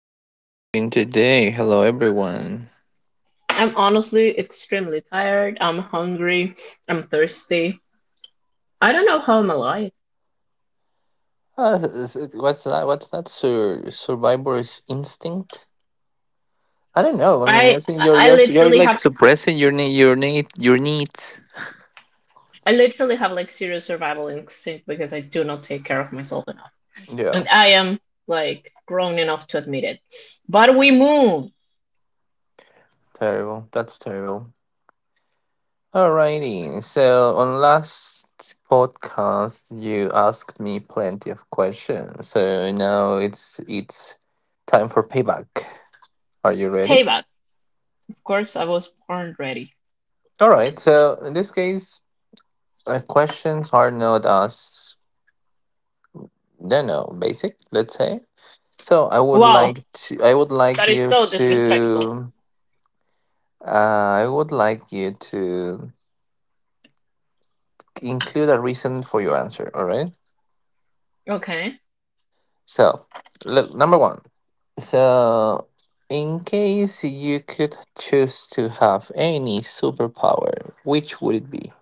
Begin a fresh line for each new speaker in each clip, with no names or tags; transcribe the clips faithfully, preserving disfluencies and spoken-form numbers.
How are you doing today? Hello, everyone.
I'm honestly extremely tired. I'm hungry. I'm thirsty. I don't know how I'm alive.
Uh, is it- what's that? What's that? Sur- survivor's instinct? I don't know. I mean,
I
I think you're
I
you're you're
literally
like
have
suppressing your need, your need, your needs.
I literally have like serious survival instinct because I do not take care of myself enough. And
Yeah,
I am like grown enough to admit it. But we move.
terrible. That's terrible. Alrighty. So on last podcast, you asked me plenty of questions. So now it's it's time for payback. Are you ready?
Payback. Of course I was born ready.
All right. So in this case. Uh, questions are not as no no basic, let's say. So I would
Wow,
like to I would like
that is
you
so disrespectful.
to uh, I would like you to include a reason for your answer, all right?
Okay.
So look, number one. So in case you could choose to have any superpower, which would it be?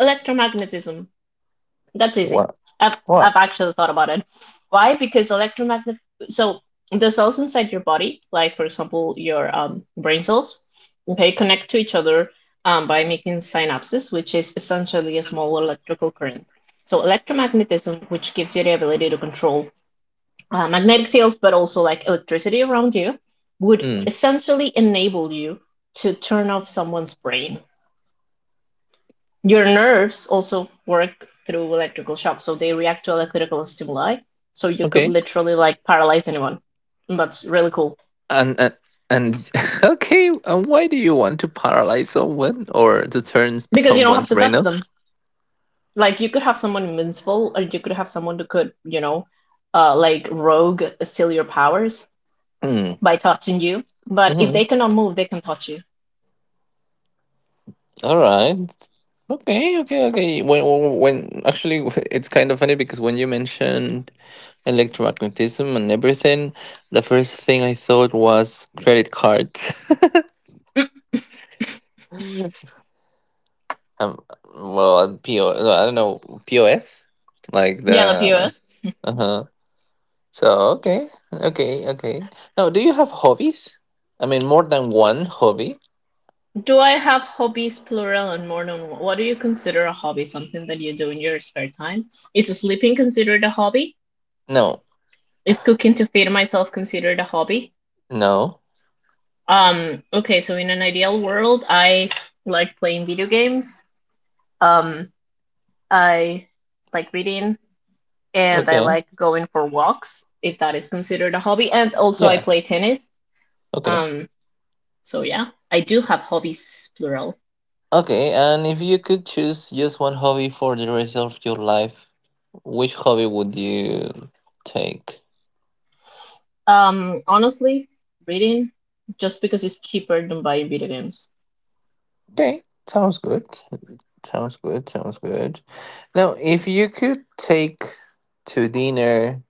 Electromagnetism. That's easy.
What?
I've I've
What?
actually thought about it. Why? Because electromagnet so the cells inside your body, like for example your um brain cells, okay, connect to each other um by making synapses, which is essentially a small electrical current. So electromagnetism, which gives you the ability to control uh, magnetic fields, but also like electricity around you, would
mm,
essentially enable you to turn off someone's brain. Your nerves also work through electrical shock, so they react to electrical stimuli. So you could
okay.
literally like paralyze anyone. And that's really cool
and and and okay and why do you want to paralyze someone or to turn
because you don't have
someone's
to
brain
touch
off?
them. Like you could have someone invincible, or you could have someone who could, you know, uh, like rogue steal your powers
Mm.
by touching you.
Hmm.
But if they
Mhm.
cannot move, they can touch you.
All right. Okay okay okay when when when- Actually, it's kind of funny because when you mentioned electromagnetism and everything, the first thing I thought was credit cards. um well, po no, I don't know. Pos, like the—
Yeah, the P O S.
Uh-huh. So okay, okay, okay. Now, do you have hobbies? I mean, more than one hobby?
Do I have hobbies plural and more than one? What do you consider a hobby? Something that you do in your spare time? Is sleeping considered a hobby?
No,
Is cooking to feed myself considered a hobby?
no.
Um, okay, so in an ideal world, I like playing video games. Um, I like reading and I
Okay,
like going for walks if that is considered a hobby. And also I
yeah,
play tennis.
okay,
Um, so yeah, I do have hobbies plural.
okay. And if you could choose just one hobby for the rest of your life, which hobby would you take?
Um, honestly, reading just because it's cheaper than buying video games.
Okay, sounds good. Sounds good. Sounds good. Now, if you could take to dinner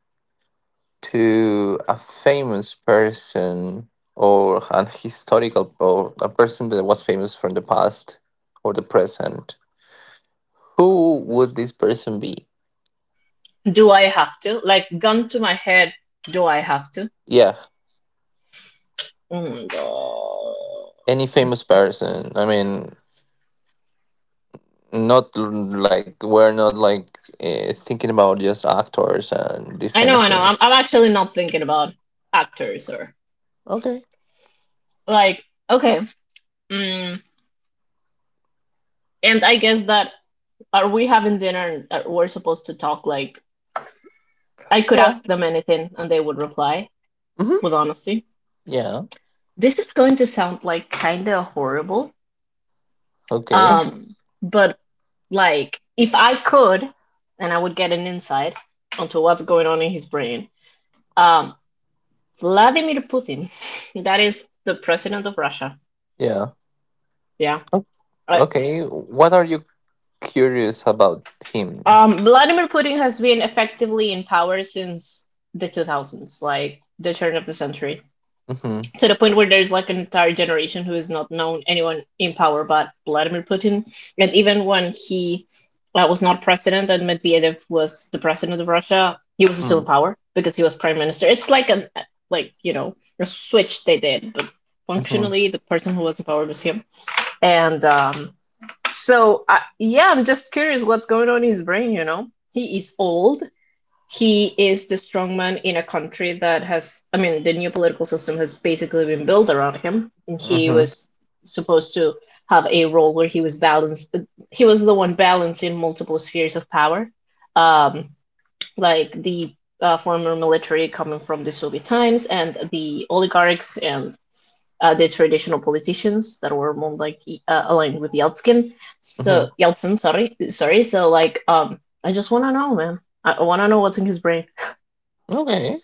to a famous person, or an historical or a person that was famous from the past or the present, who would this person be?
Do I have to? Like, gun to my head, do I have to?
Yeah,
Mm, no.
any famous person. I mean, not l- like we're not like uh, thinking about just actors and these
I
kind of
know, I know. I'm,
things.
I'm actually not thinking about actors or
Okay.
like, okay. Mm, and I guess that, are we having dinner and are- we're supposed to talk like I could
Yeah.
ask them anything and they would reply
Hmm.
with honesty?
Yeah.
This is going to sound like kind of horrible.
Okay.
Um, but Like if I could and I would get an insight onto what's going on in his brain. Um, Vladimir Putin, that is the president of Russia.
Yeah.
Yeah.
O-
Right.
Okay. What are you curious about him?
Um, Vladimir Putin has been effectively in power since the two thousands, like the turn of the century,
Mm-hmm.
to the point where there's like an entire generation who has not known anyone in power but Vladimir Putin. And even when he uh, was not president and Medvedev was the president of Russia, he was still
Mm-hmm.
in power because he was prime minister. It's like an, like you know, a switch they did, but
Mm-hmm.
functionally the person who was in power was him. And um, So I, yeah, I'm just curious what's going on in his brain. You know, he is old, he is the strongman in a country that has, I mean, the new political system has basically been built around him, and he
Mm-hmm.
was supposed to have a role where he was balanced. He was the one balancing multiple spheres of power, um, like the uh, former military coming from the Soviet times and the oligarchs and uh, the traditional politicians that were more like uh, aligned with Yeltsin. So yeltsin sorry sorry so like um I just want to know, man, I want to know what's in his brain.
Okay.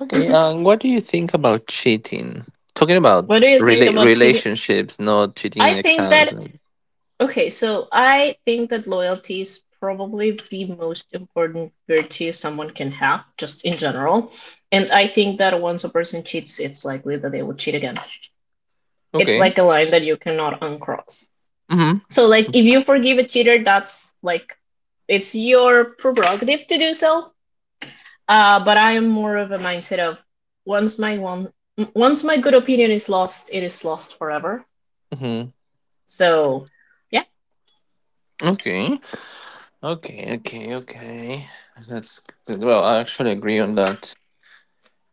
Okay.
Mhm.
Um, what do you think about cheating? Talking about
What do you think
rela-
about cheating?
relationships, not cheating
I
in
think
exams.
that,
And—
okay, so I think that loyalty is probably the most important virtue someone can have, just in general. And I think that once a person cheats, it's likely that they will cheat again. It's
Okay.
like a line that you cannot uncross.
Mm-hmm.
So, like, if you forgive a cheater, that's like, it's your prerogative to do so. Uh, but I am more of a mindset of once my one, once my good opinion is lost, it is lost forever.
Mm-hmm.
So, yeah.
Okay. Okay. Okay. Okay. That's good. Well, I actually agree on that.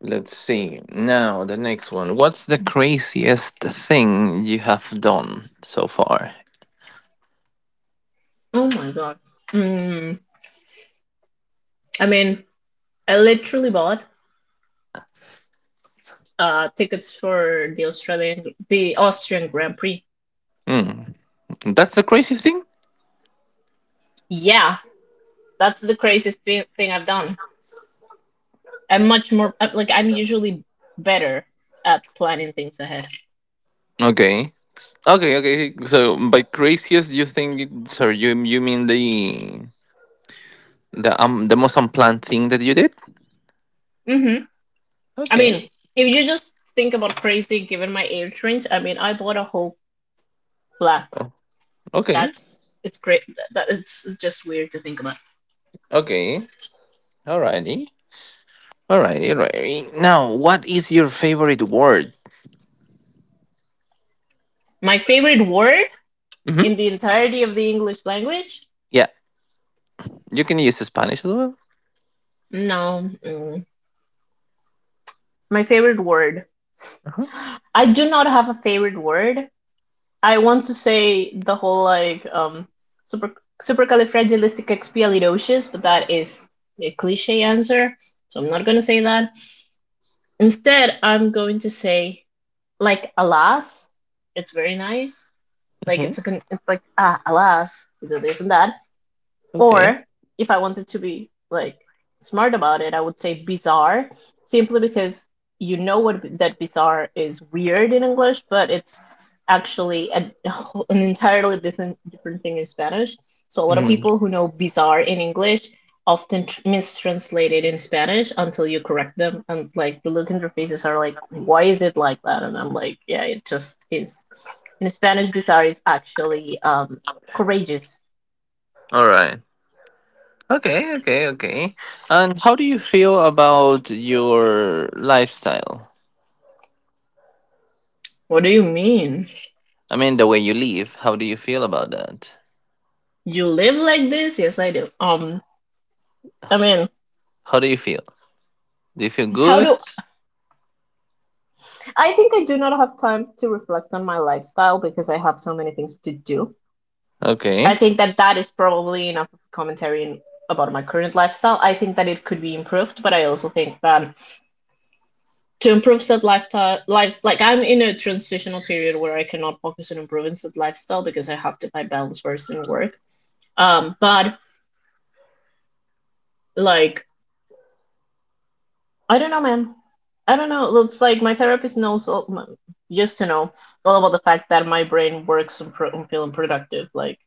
Let's see. Now the next one. What's the craziest thing you have done so far?
Oh my God. Mm, I mean, I literally bought uh tickets for the Australian the Austrian Grand Prix.
Hmm. That's the crazy thing.
Yeah, that's the craziest thing, thing I've done. I'm much more uh, like I'm usually better at planning things ahead.
Okay. S- Okay. Okay. So by craziest, you think? It— Sorry, you you mean the? The um the most unplanned thing that you did?
Mm-hmm. I
Okay.
mean, if you just think about crazy given my age range, I mean, I bought a whole flat.
Okay.
That's, it's great. That, that it's just weird to think about.
Okay. Alrighty. Alrighty, alrighty. Now, what is your favorite word?
My favorite word
Mm-hmm.
in the entirety of the English language?
Yeah. You can use Spanish as well.
No. Mm. My favorite word.
Uh-huh.
I do not have a favorite word. I want to say the whole like um super, supercalifragilisticexpialidocious, but that is a cliche answer, so I'm not gonna say that. Instead, I'm going to say like alas, it's very nice. Like
Mm-hmm.
it's a, it's like ah alas, you do this and that.
Okay.
Or if I wanted to be like smart about it, I would say bizarre, simply because, you know what, that bizarre is weird in English, but it's actually a, an entirely different different thing in Spanish. So a lot of
Mhm.
people who know bizarre in English often tr- mistranslate it in Spanish until you correct them, and like the look in their faces are like, "Why is it like that?" And I'm like, "Yeah, it just is." In Spanish, bizarre is actually um courageous.
All right. Okay, okay, okay. And how do you feel about your lifestyle?
What do you mean?
I mean, the way you live, how do you feel about that?
You live like this? Yes, I do. Um, I mean,
How do you feel? Do you feel
how
good?
do I think I do not have time to reflect on my lifestyle because I have so many things to do. I
Okay.
think that that is probably enough of a commentary in, about my current lifestyle. I think that it could be improved, but I also think that to improve said lifestyle, lives like I'm in a transitional period where I cannot focus on improving said lifestyle because I have to find balance first in work. Um, but like I don't know, man. I don't know. It's like my therapist knows all, m- used to know all about the fact that my brain works on, pro- on feeling productive. Like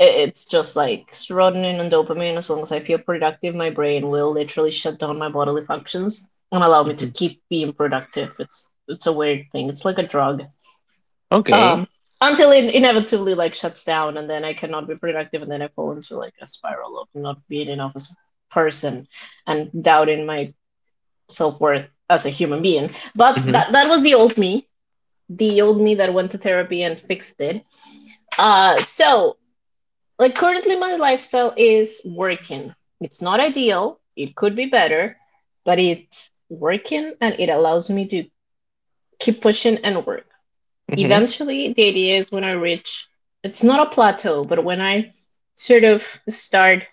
it, it's just like serotonin and dopamine. As long as I feel productive, my brain will literally shut down my bodily functions and allow me to
hmm
keep being productive. It's it's a weird thing. It's like a drug.
Okay.
Um, until it inevitably like shuts down, and then I cannot be productive, and then I fall into like a spiral of not being enough as a person and doubting my self worth as a human being. But
Mm-hmm.
that that was the old me, the old me that went to therapy and fixed it. Uh, so like Currently my lifestyle is working. It's not ideal. It could be better, but it's working and it allows me to keep pushing and work.
Mm-hmm.
Eventually, the idea is when I reach, it's not a plateau, but when I sort of start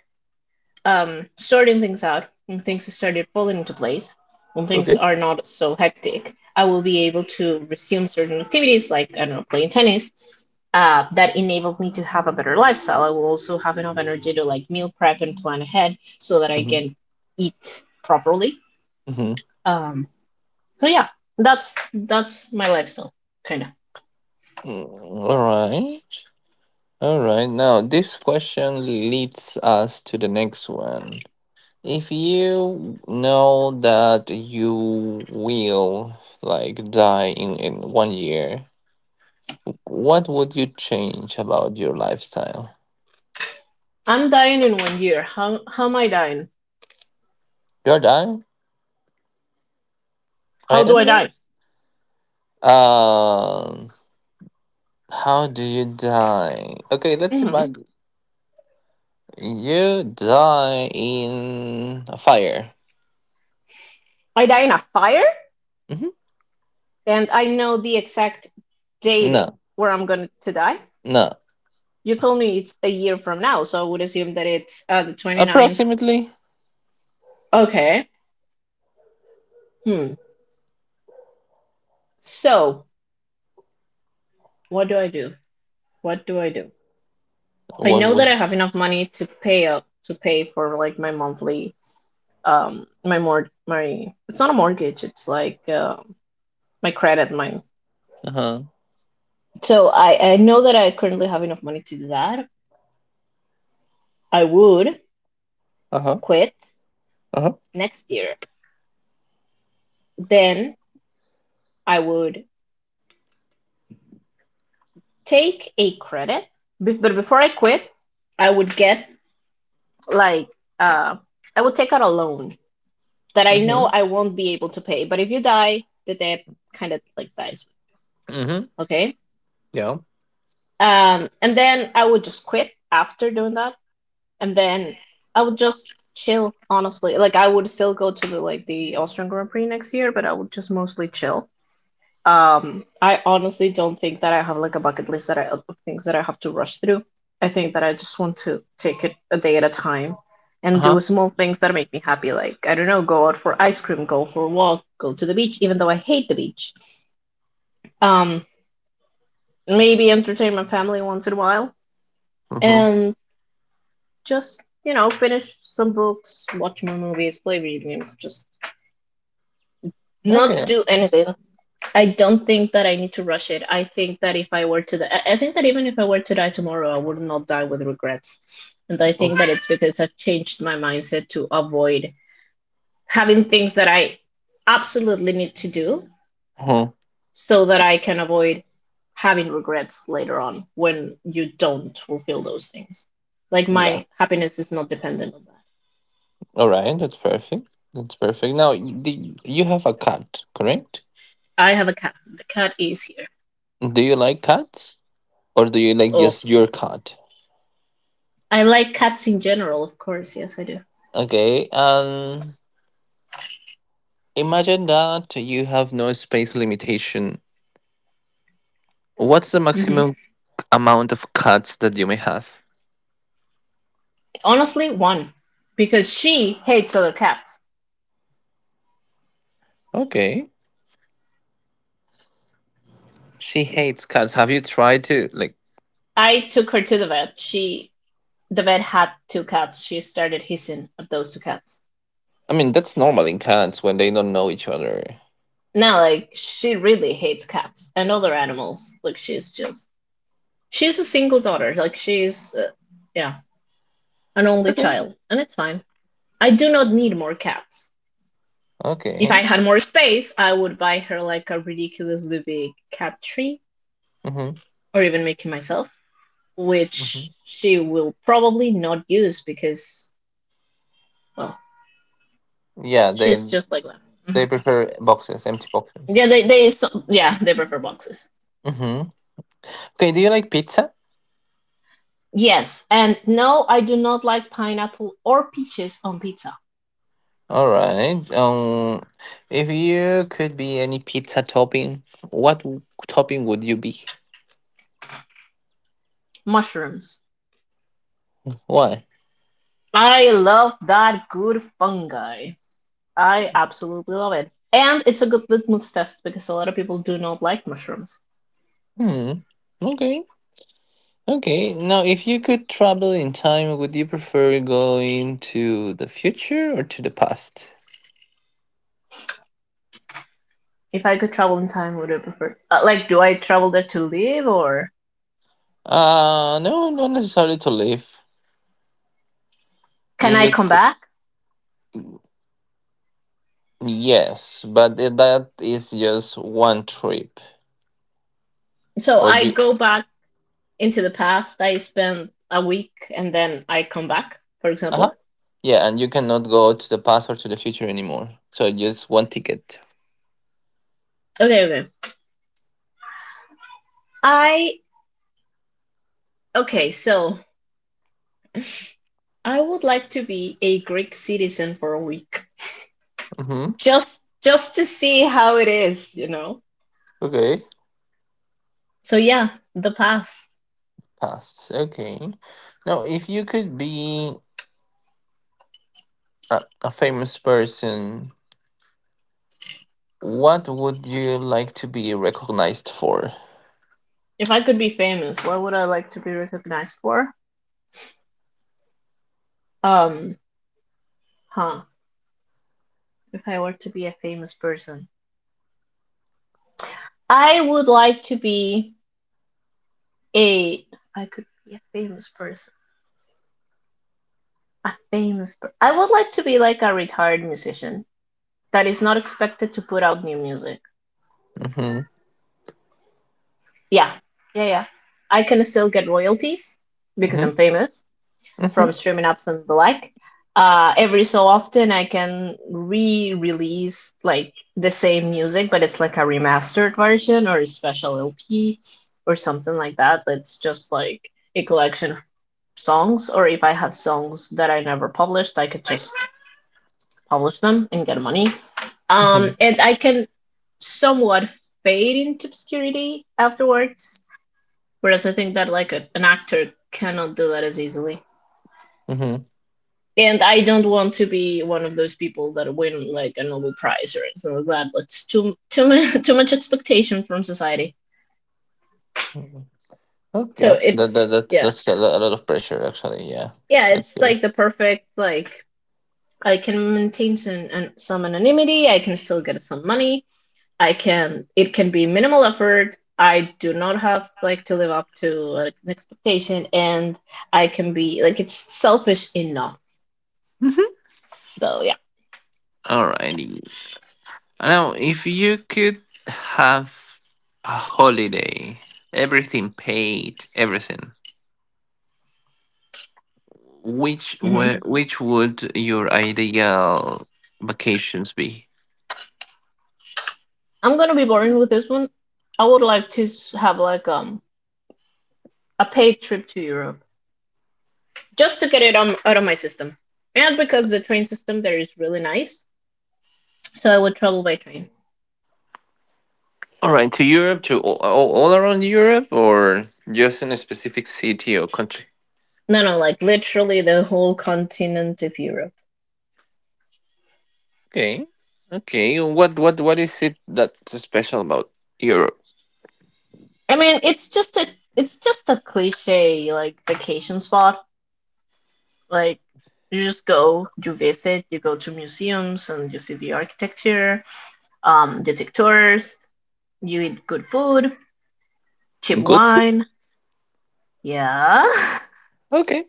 um, sorting things out, when things started falling into place, when things
Okay.
are not so hectic, I will be able to resume certain activities like, I don't know, playing tennis. Uh, that enabled me to have a better lifestyle. I will also have enough energy to like meal prep and plan ahead so that I
Mm-hmm.
can eat properly.
Mm-hmm.
Um, so yeah, that's that's my lifestyle, kind of.
Mm, All right. All right. Now, this question leads us to the next one. If you know that you will like die in, in one year, what would you change about your lifestyle?
I'm dying in one year. How how am I dying?
You're dying? I
How do
don't
I
know.
die?
Um, how do you die? Okay, let's
Hmm.
imagine you die in a fire.
I die in a fire?
hmm
And I know the exact date
No,
where I'm going to die.
no.
You told me it's a year from now, so I would assume that it's uh, the ninth.
Approximately.
Okay. Hmm. So, what do I do? What do I do? I
What
know that I
would.
have enough money to pay up to pay for like my monthly um my mort my it's not a mortgage, it's like uh, my credit my
Uh huh.
so I I know that I currently have enough money to do that. I would
Uh huh.
quit
Uh huh.
next year. Then I would take a credit, but before I quit, I would get like uh, I would take out a loan that I know
Mhm.
I won't be able to pay. But if you die, the debt kind of like dies.
Mhm.
Okay.
Yeah.
Um, and then I would just quit after doing that, and then I would just chill. Honestly, like I would still go to the like the Austrian Grand Prix next year, but I would just mostly chill. Um, I honestly don't think that I have like a bucket list that I, of things that I have to rush through. I think that I just want to take it a day at a time
Uh
and
huh.
do small things that make me happy. Like, I don't know, go out for ice cream, go for a walk, go to the beach, even though I hate the beach. Um, Maybe entertain my family once in a while
Mhm.
and just, you know, finish some books, watch my movies, play video games, just not
Okay.
do anything. I don't think that I need to rush it. I think that if I were to, die, I I think that even if I were to die tomorrow, I would not die with regrets. And I
Uh
think that it's because I've changed my mindset to avoid having things that I absolutely need to do
huh.
so that I can avoid having regrets later on when you don't fulfill those things. Like
Yeah.
my happiness is not dependent on that.
All right. That's perfect. That's perfect. Now, y- do y- you have a cat, correct?
I have a cat. The cat is here.
Do you like cats, or do you like
Oh,
just your cat?
I like cats in general, of course. Yes, I do.
Okay. Um. Imagine that you have no space limitation. What's the
hmm
maximum amount of cats that you may have?
Honestly, one, because she hates other cats.
Okay. She hates cats. Have you tried to like?
I took her to the vet. She, the vet had two cats. She started hissing at those two cats.
I mean, that's normal in cats when they don't know each other.
Now, like, she really hates cats and other animals. Like, she's just, she's a single daughter. Like, she's, uh, yeah, an only
Okay.
child, and it's fine. I do not need more cats. If I
Okay.
had more space, I would buy her like a ridiculously big cat tree,
Hmm.
or even make it myself, which
hmm
she will probably not use because, well,
Yeah, they
she's just like that.
they
Mhm.
prefer boxes, empty boxes.
Yeah, they they so, yeah, they prefer boxes.
Hmm. Okay. Do you like pizza?
Yes, and no, I do not like pineapple or peaches on pizza.
All right. Um, if you could be any pizza topping, what w- topping would you be?
Mushrooms.
Why?
I love that good fungi. I absolutely love it. And it's a good litmus test because a lot of people do not like mushrooms.
Hmm. Okay. Okay. Now, if you could travel in time, would you prefer going to the future or to the past?
If I could travel in time, would I prefer? Uh, like, do I travel there to live or
Uh, no, not necessarily to live.
can
You
I
just
come
c-
back?
yes, but i- that is just one trip,
So
or
I
you—
go back into the past. I spend a week and then I come back, for
Uh huh.
example.
Yeah, and you cannot go to the past or to the future anymore. So just one ticket.
Okay, okay. I okay, so I would like to be a Greek citizen for a week.
Mm-hmm.
Just just to see how it is, you know?
Okay.
So yeah, the past.
Past. Okay. Now, if you could be a, a famous person, what would you like to be recognized for?
If I could be famous, what would I like to be recognized for? Um, huh. If I were to be a famous person. I would like to be a if I could be a famous person. A famous per- I would like to be like a retired musician that is not expected to put out new music.
Mm-hmm.
Yeah, yeah, yeah. I can still get royalties because
Mm-hmm.
I'm famous from
Mm-hmm.
streaming apps and the like. Uh, every so often, I can re-release like the same music, but it's like a remastered version or a special L P or something like that. That's just like a collection of songs. Or if I have songs that I never published, I could just publish them and get money. Um, and I can somewhat fade into obscurity afterwards. Whereas I think that like a, an actor cannot do that as easily.
Mm-hmm.
And I don't want to be one of those people that win like a Nobel Prize or anything like that. That's too too much too much expectation from society.
Mm-hmm.
So
Okay. That, that
it's,
that's
yeah,
that's a lo- a lot of pressure actually. Yeah.
yeah,
That's
it's
good.
like the perfect, like, I can maintain some an, some anonymity. I can still get some money. I can, it can be minimal effort. I do not have like to live up to like, an expectation, and I can be like it's selfish enough. So yeah.
Alrighty. Now, if you could have a holiday, everything paid, everything, which
hmm
were, which would your ideal vacations be?
I'm gonna be boring with this one. I would like to s- have like um a paid trip to Europe just to get it on, out of my system, and because the train system there is really nice, so I would travel by train.
All right, to Europe, to all, all all around Europe, or just in a specific city or country?
No, no, like literally the whole continent of Europe.
Okay, okay. What what what is it that's special about Europe?
I mean, it's just a, it's just a cliche like vacation spot. Like, you just go, you visit, you go to museums and you see the architecture. Um, you take tours, you eat good food, cheap
Good food.
wine. Yeah.
Okay.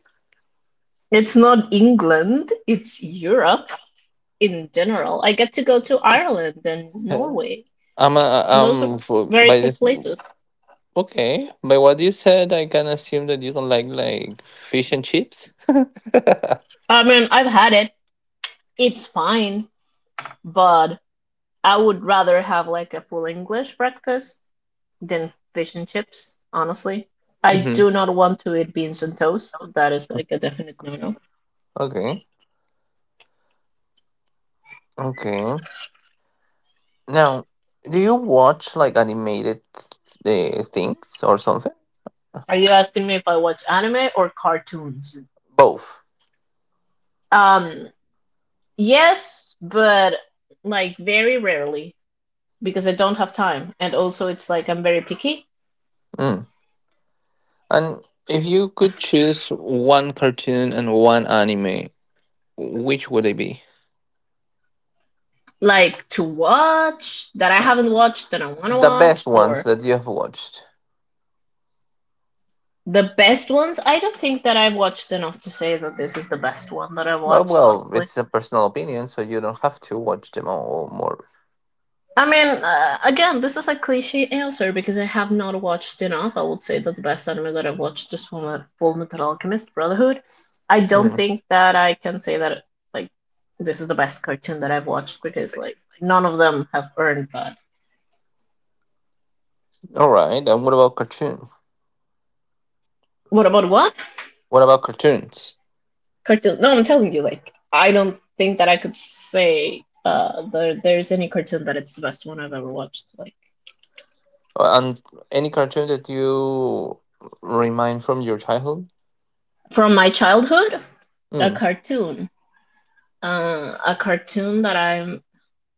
It's not England, it's Europe in general. I get to go to Ireland and
Uh,
Norway.
I'm a,
Those are
um for
very
by
cool
this
places.
Okay, by what you said, I can assume that you don't like like fish and chips.
I mean, I've had it. It's fine, but I would rather have like a full English breakfast than fish and chips, honestly. I
Hmm.
do not want to eat beans and toast. That is like a definite no-no.
Okay. Okay. Now, do you watch like animated th- uh, things or something?
Are you asking me if I watch anime or cartoons?
Both.
Um, yes, but like very rarely. Because I don't have time. And also, it's like I'm very picky,
Mm. And if you could choose one cartoon and one anime, which would it be?
like to watch that I haven't watched that I want to
The
watch,
best ones
or
that you have watched.
the best ones. I don't think that I've watched enough to say that this is the best one that I've
But
watched,
well,
honestly.
it's a personal opinion, so you don't have to watch them all or more.
I mean, uh, again, this is a cliche answer because I have not watched enough. I would say that the best anime that I've watched is Full Metal, Full Metal Alchemist Brotherhood. I don't
Mm.
think that I can say that like this is the best cartoon that I've watched because like none of them have earned that.
All right. And what about cartoon?
What about what?
What about cartoons?
Cartoon. No, I'm telling you, like I don't think that I could say uh there there's any cartoon that it's the best one I've ever watched. Like
Uh, And any cartoon that you remind from your childhood?
from my childhood, a
Hmm.
cartoon, uh, a cartoon that I'm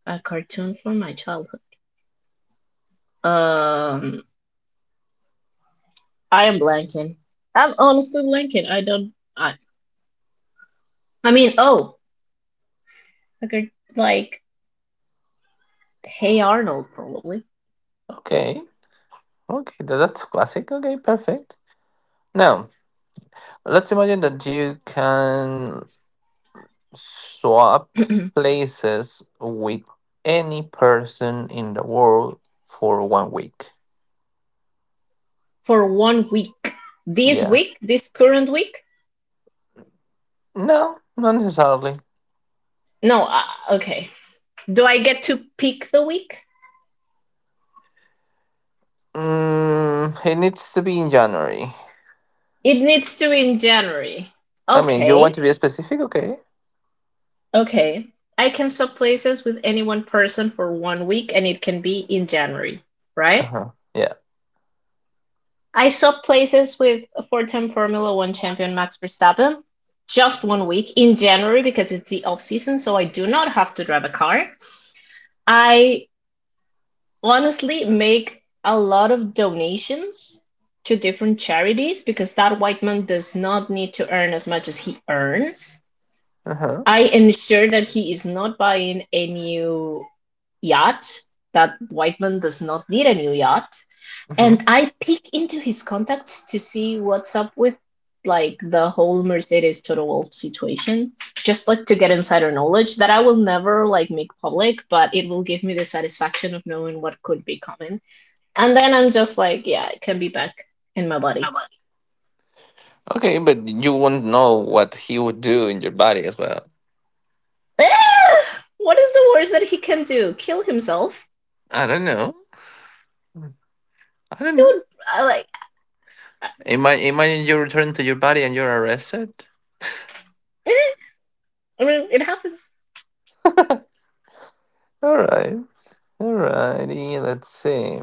a cartoon from my childhood. Um, I am blanking. I'm honestly blanking. I don't. I I mean, oh, a like Hey Arnold probably.
Okay. Okay, tha- that's classic. Okay, perfect. Now, let's imagine that you can swap places with any person in the world for one week.
For one week. This
Yeah.
week, this current week.
No, not necessarily.
No, uh, okay. Do I get to pick the week?
Mm, it needs to be in January.
It needs to be in January.
I mean, you want
Okay.
to be specific? Okay.
Okay. I can swap places with any one person for one week and it can be in January,
Uh
right?
huh. Yeah.
I swapped places with a four-time Formula one champion Max Verstappen just one week in January because it's the off season, so I do not have to drive a car. I honestly make a lot of donations to different charities because that white man does not need to earn as much as he earns.
Uh huh.
I ensure that he is not buying a new yacht, that Whiteman does not need a new yacht. And
Mm-hmm.
I peek into his contacts to see what's up with like the whole Mercedes Total Wolf situation, just like to get insider knowledge that I will never like make public, but it will give me the satisfaction of knowing what could be coming. And then I'm just like, yeah, it can be back in my body.
Okay, but you won't know what he would do in your body as well.
Ah! What is the worst that he can do? Kill himself?
I don't know. I don't
He
know.
would. I like.
Imagine, imagine you return to your body and you're arrested.
Uh, I mean, it happens.
All right. Alrighty. Let's see.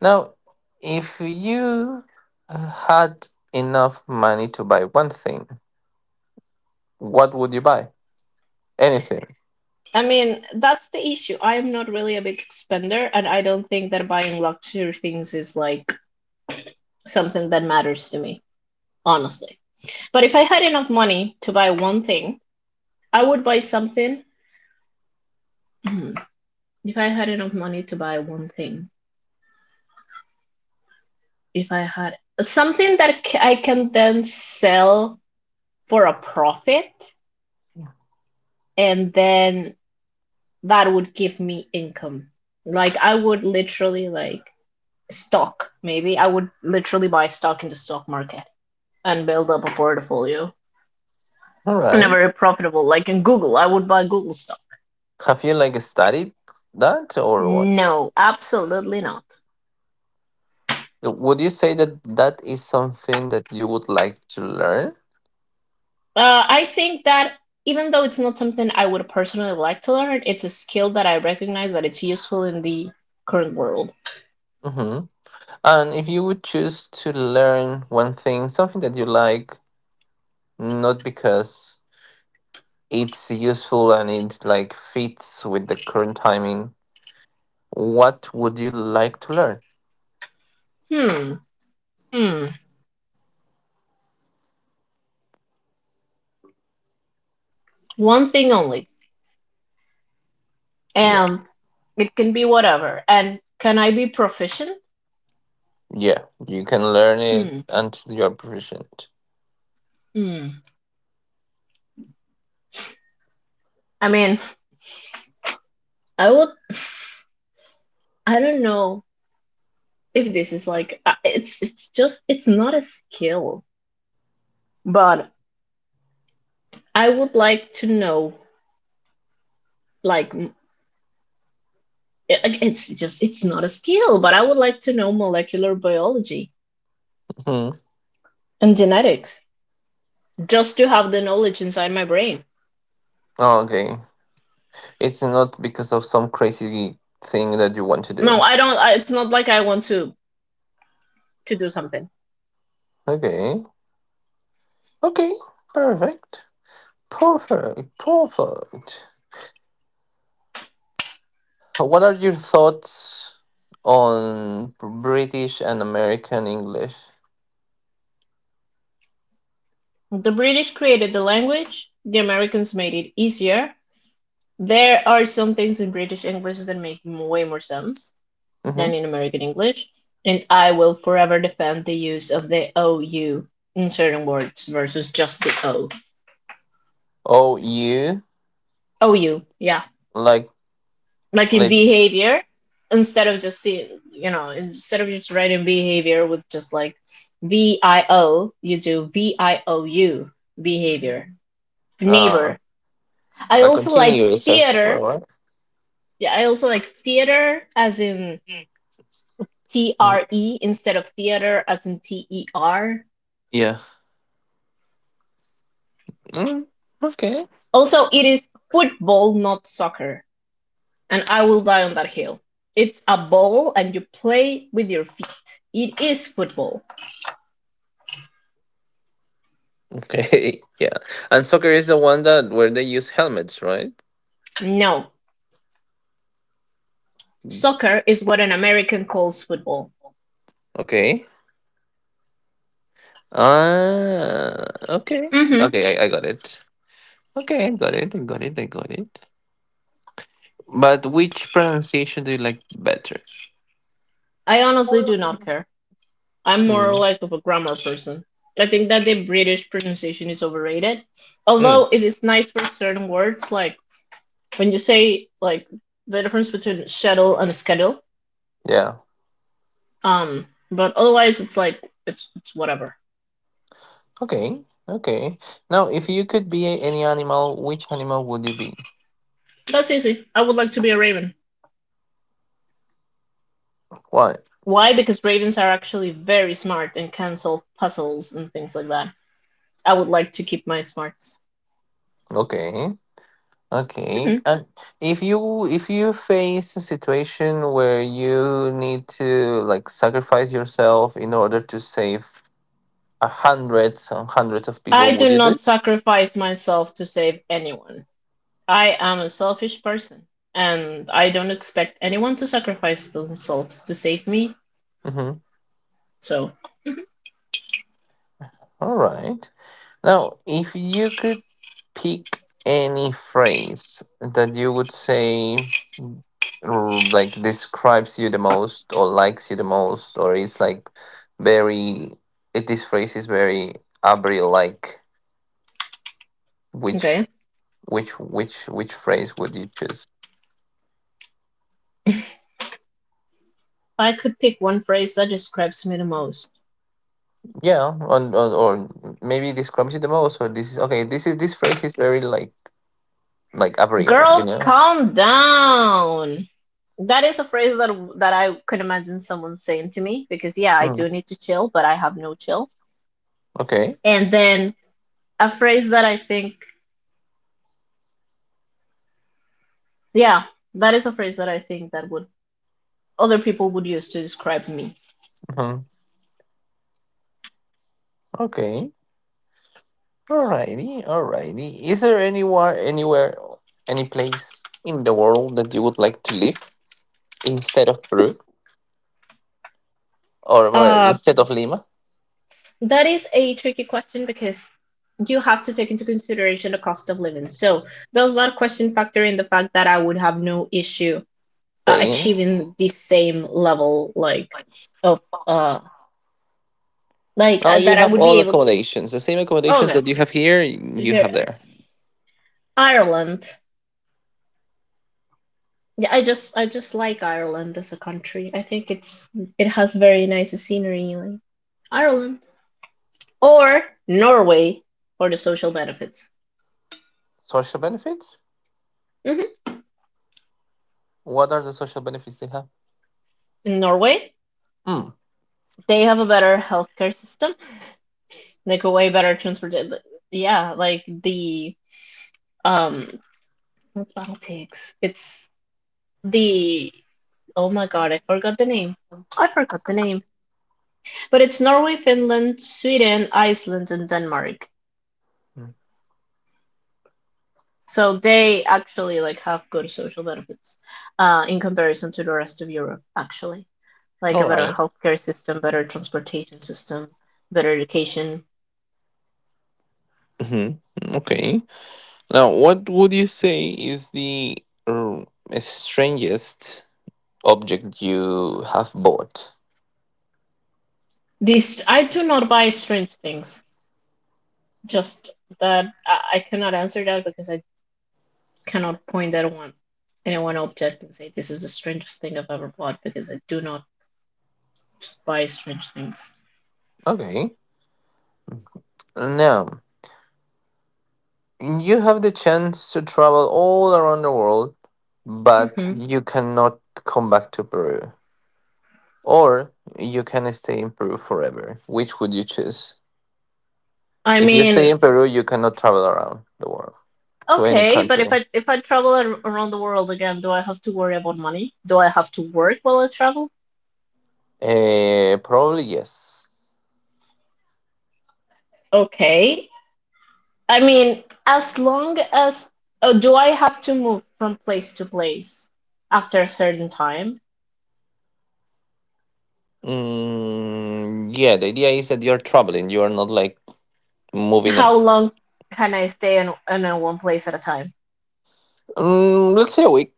Now, if you uh, had enough money to buy one thing, what would you buy? Anything.
I mean, that's the issue. I am not really a big spender, and I don't think that buying luxury things is like something that matters to me, honestly. But if I had enough money to buy one thing, I would buy something. If I had enough money to buy one thing, if I had something that I can then sell for a profit, and then that would give me income. Like, I would literally like stock, maybe I would literally buy stock in the stock market and build up a portfolio.
All
Not
right.
very profitable, like in Google I would buy Google stock.
Have you like studied that or what?
No, absolutely not.
Would you say that that is something that you would like to learn?
uh, I think that even though it's not something I would personally like to learn, it's a skill that I recognize that it's useful in the current world.
Mm-hmm. And if you would choose to learn one thing, something that you like, not because it's useful and it like fits with the current timing, what would you like to learn?
hmm hmm one thing only.
Yeah,
um it can be whatever and can I be proficient?
yeah, you can learn it
hmm
until you're proficient.
hmm I mean, I would I don't know if this is like, uh, it's it's just, it's not a skill, but I would like to know, like, it- like, it's just, it's not a skill but I would like to know molecular biology
Hmm.
and genetics just to have the knowledge inside my brain.
Oh, okay, it's not because of some crazy thing that you want to
No,
do.
I don't. I, it's not like I want to to do something.
Okay, okay, perfect, perfect, perfect. Uh, What are your thoughts on British and American English?
The British created the language, the Americans made it easier. There are some things in British English that make way more sense than
Mm-hmm.
in American English, and I will forever defend the use of the O U in certain words versus just the o.
Oh, you
O u, yeah.
like
Like in
like
behavior, instead of just seeing, you know, instead of just writing behavior with just like V I O, you do V I O U, behavior,
uh
neighbor. I
like
also like
continuous as
theater.
well, right?
Yeah, I also like theater as in T
Mm.
R E instead of theater as in T E R.
Yeah. Mm, okay.
Also, it is football, not soccer. And I will die on that hill. It's a ball and you play with your feet. It is football.
Okay. Yeah. And soccer is the one that where they use helmets, right?
No, soccer is what an American calls football.
Okay. Ah. Okay.
hmm
Okay. I, I got it. Okay. I got it. I got it. I got it. But which pronunciation do you like better?
I honestly do not care. I'm more
Mm.
like of a grammar person. I think that the British pronunciation is overrated.
Mm.
Although it is nice for certain words, like when you say like the difference between schedule and schedule.
Yeah.
Um, but otherwise it's like it's it's whatever.
Okay, okay. Now, if you could be a- any animal, which animal would you be?
That's easy. I would like to be a raven.
Why?
Why? Because ravens are actually very smart and can solve puzzles and things like that. I would like to keep my smarts.
Okay, okay.
Mhm.
And if you if you face a situation where you need to like sacrifice yourself in order to save a hundreds and hundreds of
I
people,
do
would you do
not
it?
sacrifice myself to save anyone. I am a selfish person, and I don't expect anyone to sacrifice themselves to save me.
Mm-hmm.
So, mhm.
All right. Now, if you could pick any phrase that you would say r- like describes you the most or likes you the most or is like very, it this phrase is very abri, like which
Okay.
which which which phrase would you choose?
If I could pick one phrase that describes me the most,
Yeah, on, on or maybe describes you the most or this is okay this is this phrase is very like like abriel, you
girl,
know.
calm down. That is a phrase that that I could imagine someone saying to me because yeah, I
Mm,
do need to chill, but I have no chill.
okay.
And then a phrase that I think, yeah, that is a phrase that I think that would, other people would use to describe me.
Mm-hmm. Okay. Alrighty, alrighty. Is there anywhere anywhere, any place in the world that you would like to live instead of Peru, or where
Uh,
instead of Lima?
that is a tricky question because you have to take into consideration the cost of living. So does that question factor in the fact that I would have no issue uh,
Spain.
achieving the same level, like, of uh like
Now
uh,
you
that I
have
would
all
be able.
accommodations, the same accommodations
Okay,
that you have here, you
here,
have there.
Ireland. Yeah, I just I just like Ireland as a country. I think it's it has very nice scenery, like Ireland or Norway for the social benefits.
Social benefits?
Hmm.
What are the social benefits they have?
In Norway,
Hmm.
they have a better healthcare system, like a way better transport. Yeah, like the um not politics. It's the oh my god, I forgot the name. I forgot the name. But it's Norway, Finland, Sweden, Iceland, and Denmark.
Mm.
So they actually like have good social benefits, uh, in comparison to the rest of Europe, actually. Like a
All
better
right.
healthcare system, better transportation system, better education.
Mm-hmm. Okay. Now, what would you say is the um, strangest object you have bought?
These, I do not buy strange things. Just that I, I cannot answer that because I cannot point at one, anyone object and say this is the strangest thing I've ever bought because I do not buy strange things.
Okay. Now, you have the chance to travel all around the world, but
Hmm.
you cannot come back to Peru. Or you can stay in Peru forever. Which would you choose?
I
If you stay
mean,
in Peru, you cannot travel around the world to any
okay, but if
country.
I if I travel ar- around the world again, do I have to worry about money? Do I have to work while I travel?
Uh, probably yes.
Okay. I mean, as long as, oh, do I have to move from place to place after a certain time?
Mm, yeah, the idea is that you're traveling. You are not like moving on.
How long can I stay in, in a one place at a time?
Mm, let's say a week.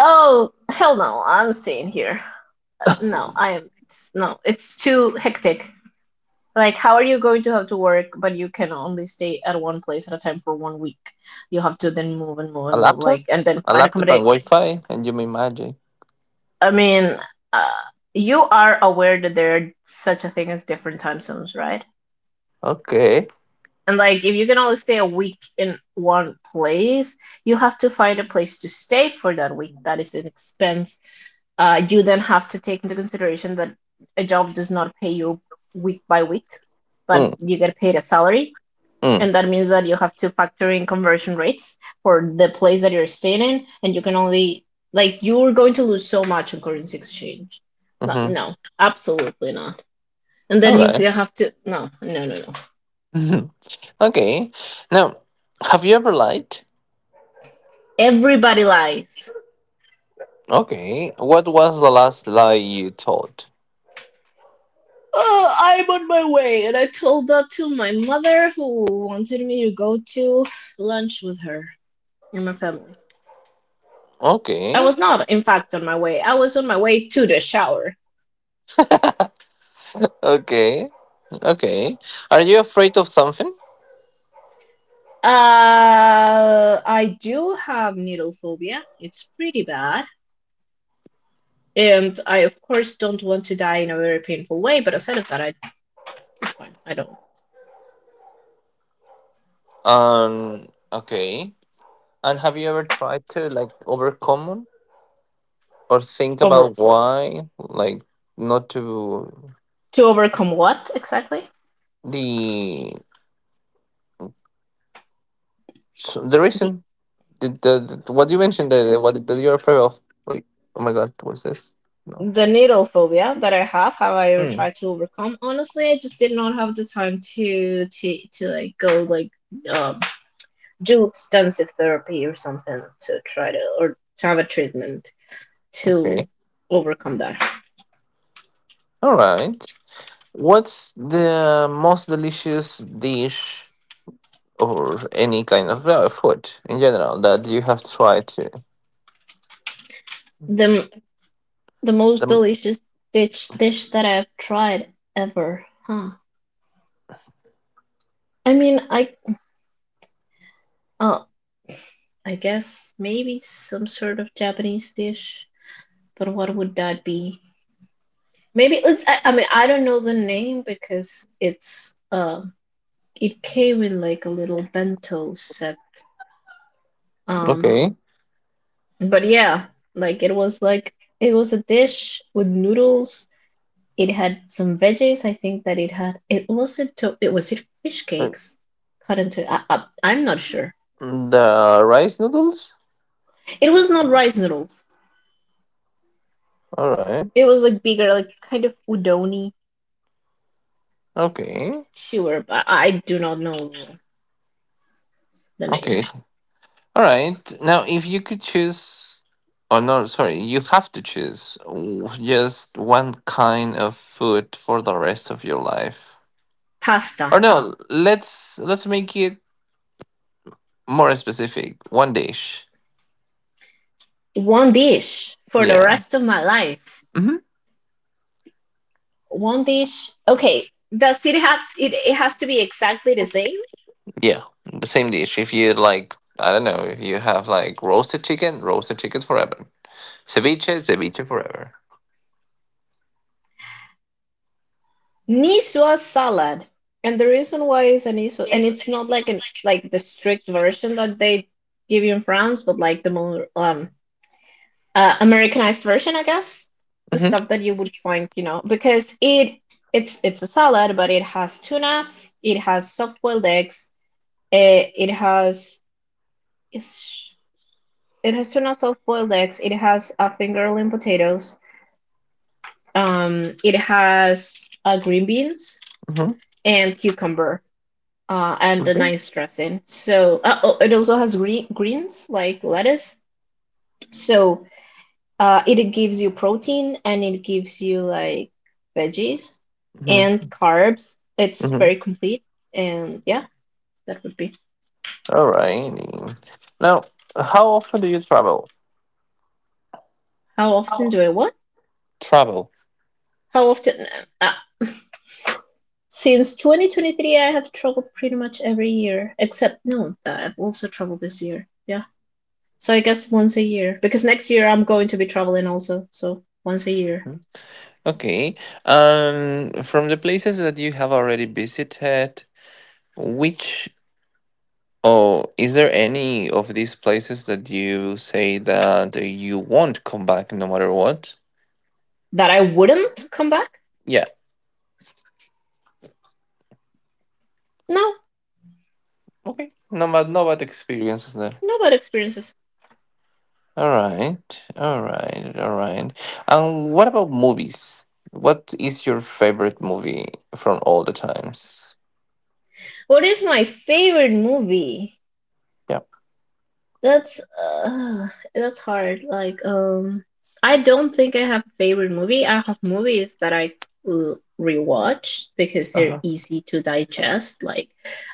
Oh, hell no, I'm staying here. Uh, No, I'm, no, it's too hectic. Like, how are you going to have to work, but you can only stay at one place at a time for one week? You have to then move and move
A
and move,
laptop,
like, and then
a
find
laptop and
accommodation.
Wi-Fi, and you make magic.
I mean, uh, you are aware that there are such a thing as different time zones, right?
Okay.
And like, if you can only stay a week in one place, you have to find a place to stay for that week. That is an expense. Uh, you then have to take into consideration that a job does not pay you week by week, but
Mm,
you get paid a salary,
mm,
and that means that you have to factor in conversion rates for the place that you're staying in, and you can only, like, you're going to lose so much on currency exchange. No,
mm-hmm.
no, absolutely not. And
All
then you
right.
have to, no no no no.
Okay. Now, have you ever lied?
Everybody lies.
Okay. What was the last lie you told?
Oh, I'm on my way, and I told that to my mother who wanted me to go to lunch with her and my family. I
Okay.
was not in fact on my way, I was on my way to the shower.
Okay. Okay. Are you afraid of something?
Uh, I do have needle phobia. It's pretty bad. And I, of course, don't want to die in a very painful way, but aside of that, I, it's fine. I don't.
Um. Okay. And have you ever tried to like overcome it or think
Over
about why, like, not to
To overcome what exactly?
the so the
The
reason the, the, the- what you mentioned the, the- what that you're afraid of? Wait. Oh my God. What's this? No.
the needle phobia that I have, have I ever
Mm,
tried to overcome? Honestly, I just did not have the time to to to like go, like, um do extensive therapy or something to try to, or to have a treatment to
okay.
overcome that.
All right. What's the most delicious dish or any kind of uh, food in general that you have tried to
The The most
the
delicious dish dish that I've tried ever, huh? I mean, I, uh, I guess maybe some sort of Japanese dish, but what would that be? Maybe it's, I, I mean, I don't know the name because it's uh, it came in like a little bento set. Um,
okay.
but yeah, like it was like it was a dish with noodles. It had some veggies. I think that it had. It was it. To, it was it fish
Uh,
cakes cut into. I, I, I'm not sure.
the rice noodles.
It was not rice noodles.
All right.
It was like bigger, like kind of udoni.
Okay.
Sure, but I do not know the name.
Okay, all right, now, if you could choose, oh no, sorry, you have to choose w- just one kind of food for the rest of your life,
Pasta.
or no, let's let's make it more specific, one dish.
One dish for the
Yeah.
rest of my life.
Mm-hmm.
One dish. Okay. Does it have? It, it has to be exactly the same.
Yeah, the same dish. If you like, I don't know, if you have like roasted chicken, roasted chicken forever. Ceviche, ceviche forever.
Niswa salad. And the reason why it's an Niswa, and it's not like an, like the strict version that they give you in France, but like the more um uh, Americanized version, I guess. The
Mm-hmm.
stuff that you would find, you know, because it it's it's a salad, but it has tuna, it has soft-boiled eggs, it, it has it's, it has tuna, soft-boiled eggs, it has a fingerling potatoes, um, it has uh, green beans
Mm-hmm.
and cucumber, uh, and a
Okay.
nice dressing. So uh, oh, it also has green, greens like lettuce. So uh, it gives you protein and it gives you, like, veggies and
Mm-hmm.
carbs. It's
Mm-hmm.
very complete. And yeah, that would be.
All righty. Now, how often do you travel?
How often
How?
do I what?
Travel.
How often? Uh, since twenty twenty-three, I have traveled pretty much every year, except no, I've also traveled this year. Yeah. So I guess once a year, because next year I'm going to be traveling also. So once a year.
Mhm. Okay. Um, from the places that you have already visited, which, or is there any of these places that you say that you won't come back no matter what?
That I wouldn't come back?
Yeah.
No,
Okay. No bad, no bad experiences there.
no bad experiences.
All right. All right. All right. And what about movies? What is your favorite movie from all the times?
What is my favorite movie?
Yeah.
That's uh, that's hard. Like, um, I don't think I have a favorite movie. I have movies that I, uh, rewatch because they're
Uh-huh.
easy to digest. Like,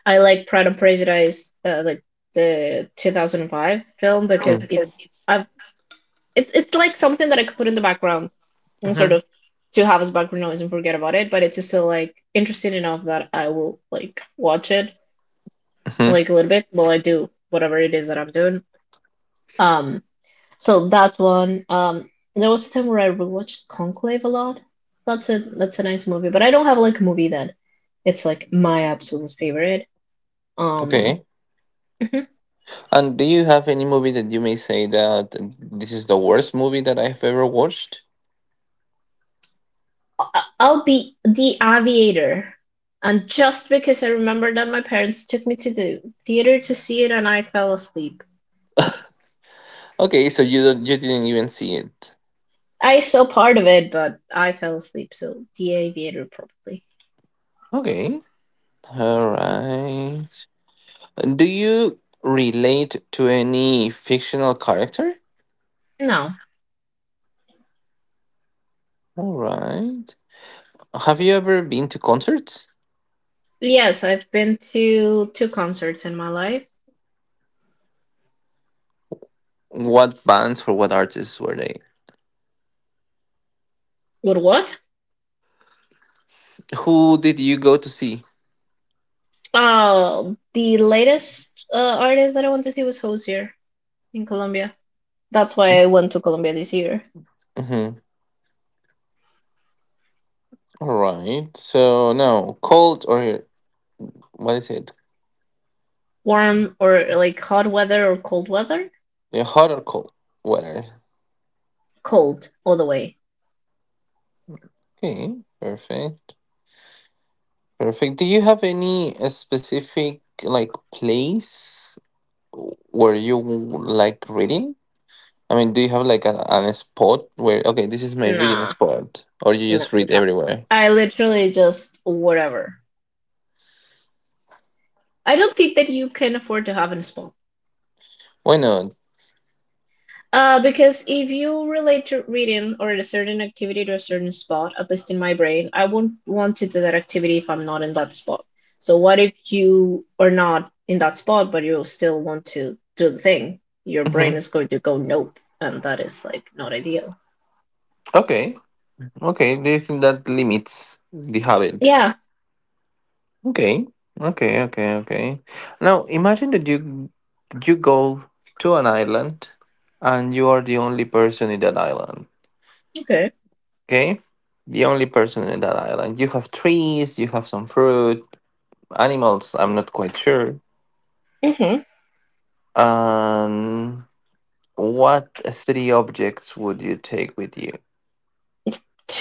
I like Pride and Prejudice, uh, like the two thousand five film because
Because
it's
it's.
I've it's it's like something that I could put in the background and sort
Hmm.
of to have as background noise and forget about it. But it's just still, like, interesting enough that I will like watch it
Hmm.
like a little bit while I do whatever it is that I'm doing. Um, so that's one. Um, there was a time where I rewatched Conclave a lot. That's a that's a nice movie, but I don't have like a movie that it's like my absolute favorite. Um,
Okay.
mhm.
And do you have any movie that you may say that this is the worst movie that I've ever watched?
I'll be the aviator. And just because I remember that my parents took me to the theater to see it and I fell asleep.
Okay, so you don't, you didn't even see it.
I saw part of it, but I fell asleep, so the aviator probably.
Okay. All right. Do you relate to any fictional character?
No.
All right. Have you ever been to concerts?
Yes, I've been to two concerts in my life.
What bands or what artists were they?
What what?
Who did you go to see?
Oh, the latest uh, artist that I went to see was Hozier in Colombia. That's why I went to Colombia this year.
Mm-hmm. All right. So now, cold or what is it?
Warm or like hot weather or cold weather?
Yeah, hot or cold weather.
Cold all the way.
Okay. Perfect. Perfect. Do you have any uh, specific like place where you like reading? I mean, do you have like an, an spot where okay, this is my reading
Nah.
spot, or you
No,
just read
I,
everywhere?
I literally just, whatever. I don't think that you can afford to have a spot.
Why not?
Uh, because if you relate to reading or a certain activity to a certain spot, at least in my brain, I won't want to do that activity if I'm not in that spot. So what if you are not in that spot, but you still want to do the thing? Your brain
Mm-hmm.
is going to go nope, and that is like not ideal.
Okay. Okay, do you think that limits the habit?
Yeah.
Okay, okay, okay, okay. Now imagine that you you go to an island and you are the only person in that island.
Okay.
Okay, the only person in that island. You have trees, you have some fruit, animals. I'm not quite sure.
Hmm.
And what three objects would you take with you?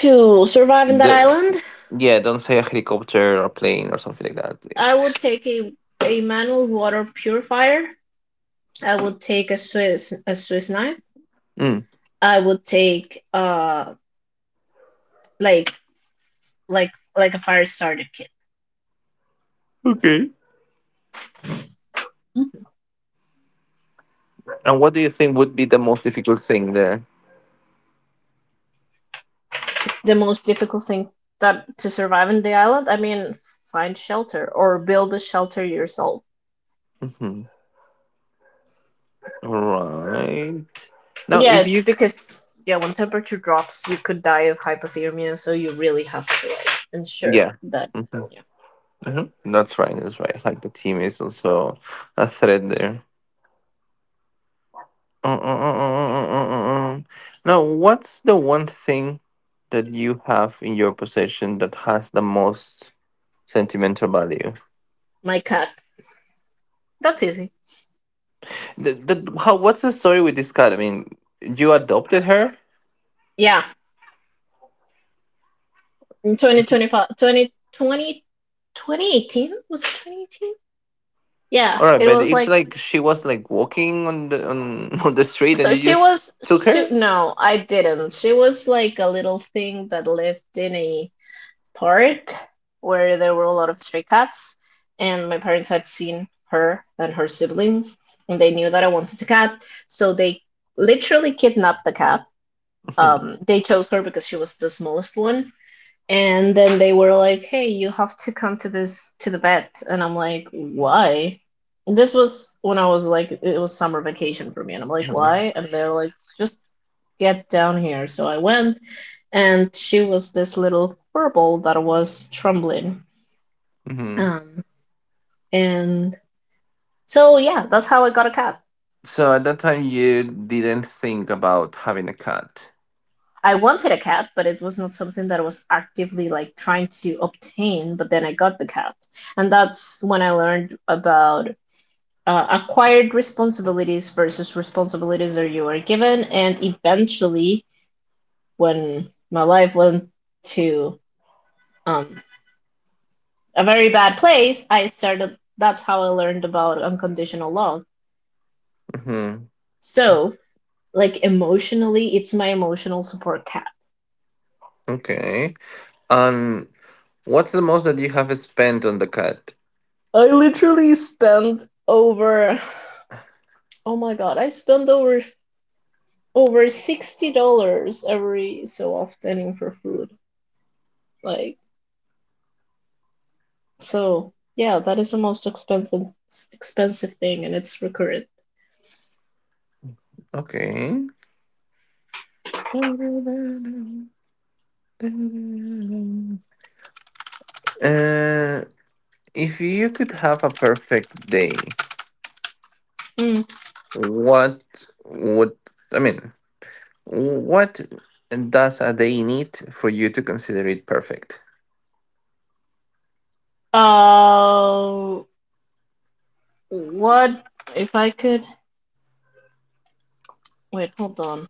To survive in that
The
island,
yeah, don't say a helicopter or plane or something like that,
I would
please.
take a a manual water purifier. I would take a Swiss, a Swiss knife.
Mm.
I would take uh like like like a fire starter kit.
Okay. And what do you think would be the most difficult thing there?
The most difficult thing, that to survive in the island, I mean, find shelter or build a shelter yourself.
Mhm. All right. Now,
Yeah,
if
it's
you, c-
because yeah, when temperature drops, you could die of hypothermia, so you really have to like ensure
yeah,
that,
hmm, hmm,
yeah.
that's right. That's right. Like the team is also a thread there. Uh, uh, uh, uh, uh, uh, uh. Now, what's the one thing that you have in your possession that has the most sentimental value?
My cat. That's easy.
The, the, how, what's the story with this cat? I mean, you adopted her?
Yeah. In 2025 2020 twenty eighteen, was it twenty eighteen? Yeah,
All right,
it
but
was
it's
like.
like she was like walking on the on, on the street and
So
you
she
just
was
took
she,
her.
no, I didn't. She was like a little thing that lived in a park where there were a lot of stray cats, and my parents had seen her and her siblings, and they knew that I wanted a cat, so they literally kidnapped the cat. Um, they chose her because she was the smallest one, and then they were like, hey, you have to come to this to the vet, and I'm like, why? And this was when I was like, it was summer vacation for me, and I'm like,
Mm-hmm.
why? And they're like, just get down here. So I went, and she was this little furball that was trembling,
Hmm.
um and so yeah, that's how I got a cat.
So at that time you didn't think about having a cat.
I wanted a cat, but it was not something that I was actively like trying to obtain, but then I got the cat, and that's when I learned about, uh, acquired responsibilities versus responsibilities that you were given, and eventually, when my life went to, um, a very bad place, I started, that's how I learned about unconditional love.
Hmm.
So, like, emotionally, it's my emotional support cat.
Okay. And what's the most that you have spent on the cat?
I literally spent over, oh my god, I spend over over sixty dollars every so often for food, like. So yeah, that is the most expensive expensive thing, and it's recurrent.
Okay. Uh, if you could have a perfect day,
Mm.
what would I mean? What does a day need for you to consider it perfect?
Uh, what if I could, wait? Hold on.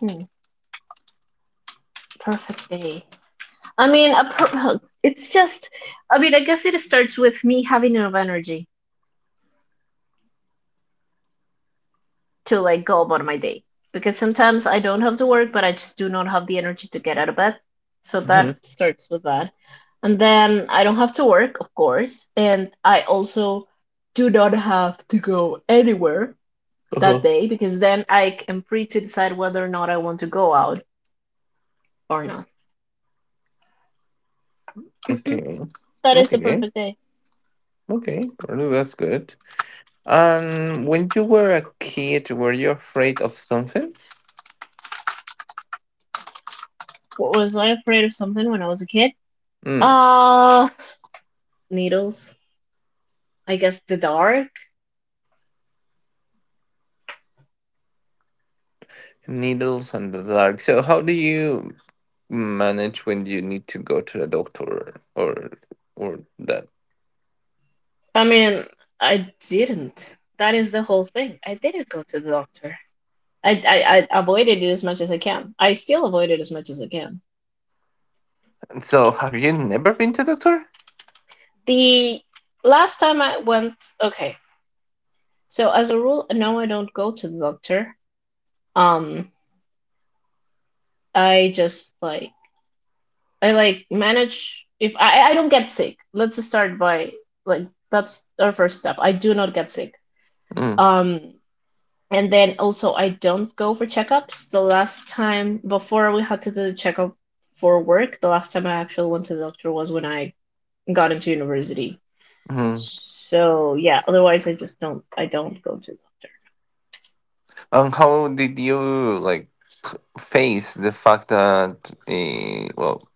Hmm. Perfect day. I mean, a per- it's just. I mean, I guess it starts with me having enough energy to like go about my day because sometimes I don't have to work, but I just do not have the energy to get out of bed. So
Hmm.
that starts with that. And then I don't have to work, of course, and I also do not have to go anywhere that
Uh-huh.
day because then I am free to decide whether or not I want to go out or not. Hmm
Okay.
That is the
Okay.
perfect day.
Okay. Well, that's good. Um, when you were a kid, were you afraid of something?
What was I afraid of something when I was a kid?
Mm,
Uh, Needles. I guess the dark.
needles and the dark. So how do you manage when you need to go to the doctor or or that?
I mean, I didn't. That is the whole thing. I didn't go to the doctor. I, I, I avoided it as much as I can. I still avoid it as much as I can.
So have you never been to doctor?
The last time I went, okay. So as a rule, no, I don't go to the doctor. Um, I just like I like manage if I I don't get sick. Let's start by like that's our first step. I do not get sick. Um, And then also, I don't go for checkups. The last time before we had to do the checkup for work, the last time I actually went to the doctor was when I got into university.
Mm-hmm.
So yeah, otherwise I just don't I don't go to the doctor.
And how did you like p- face the fact that uh, well,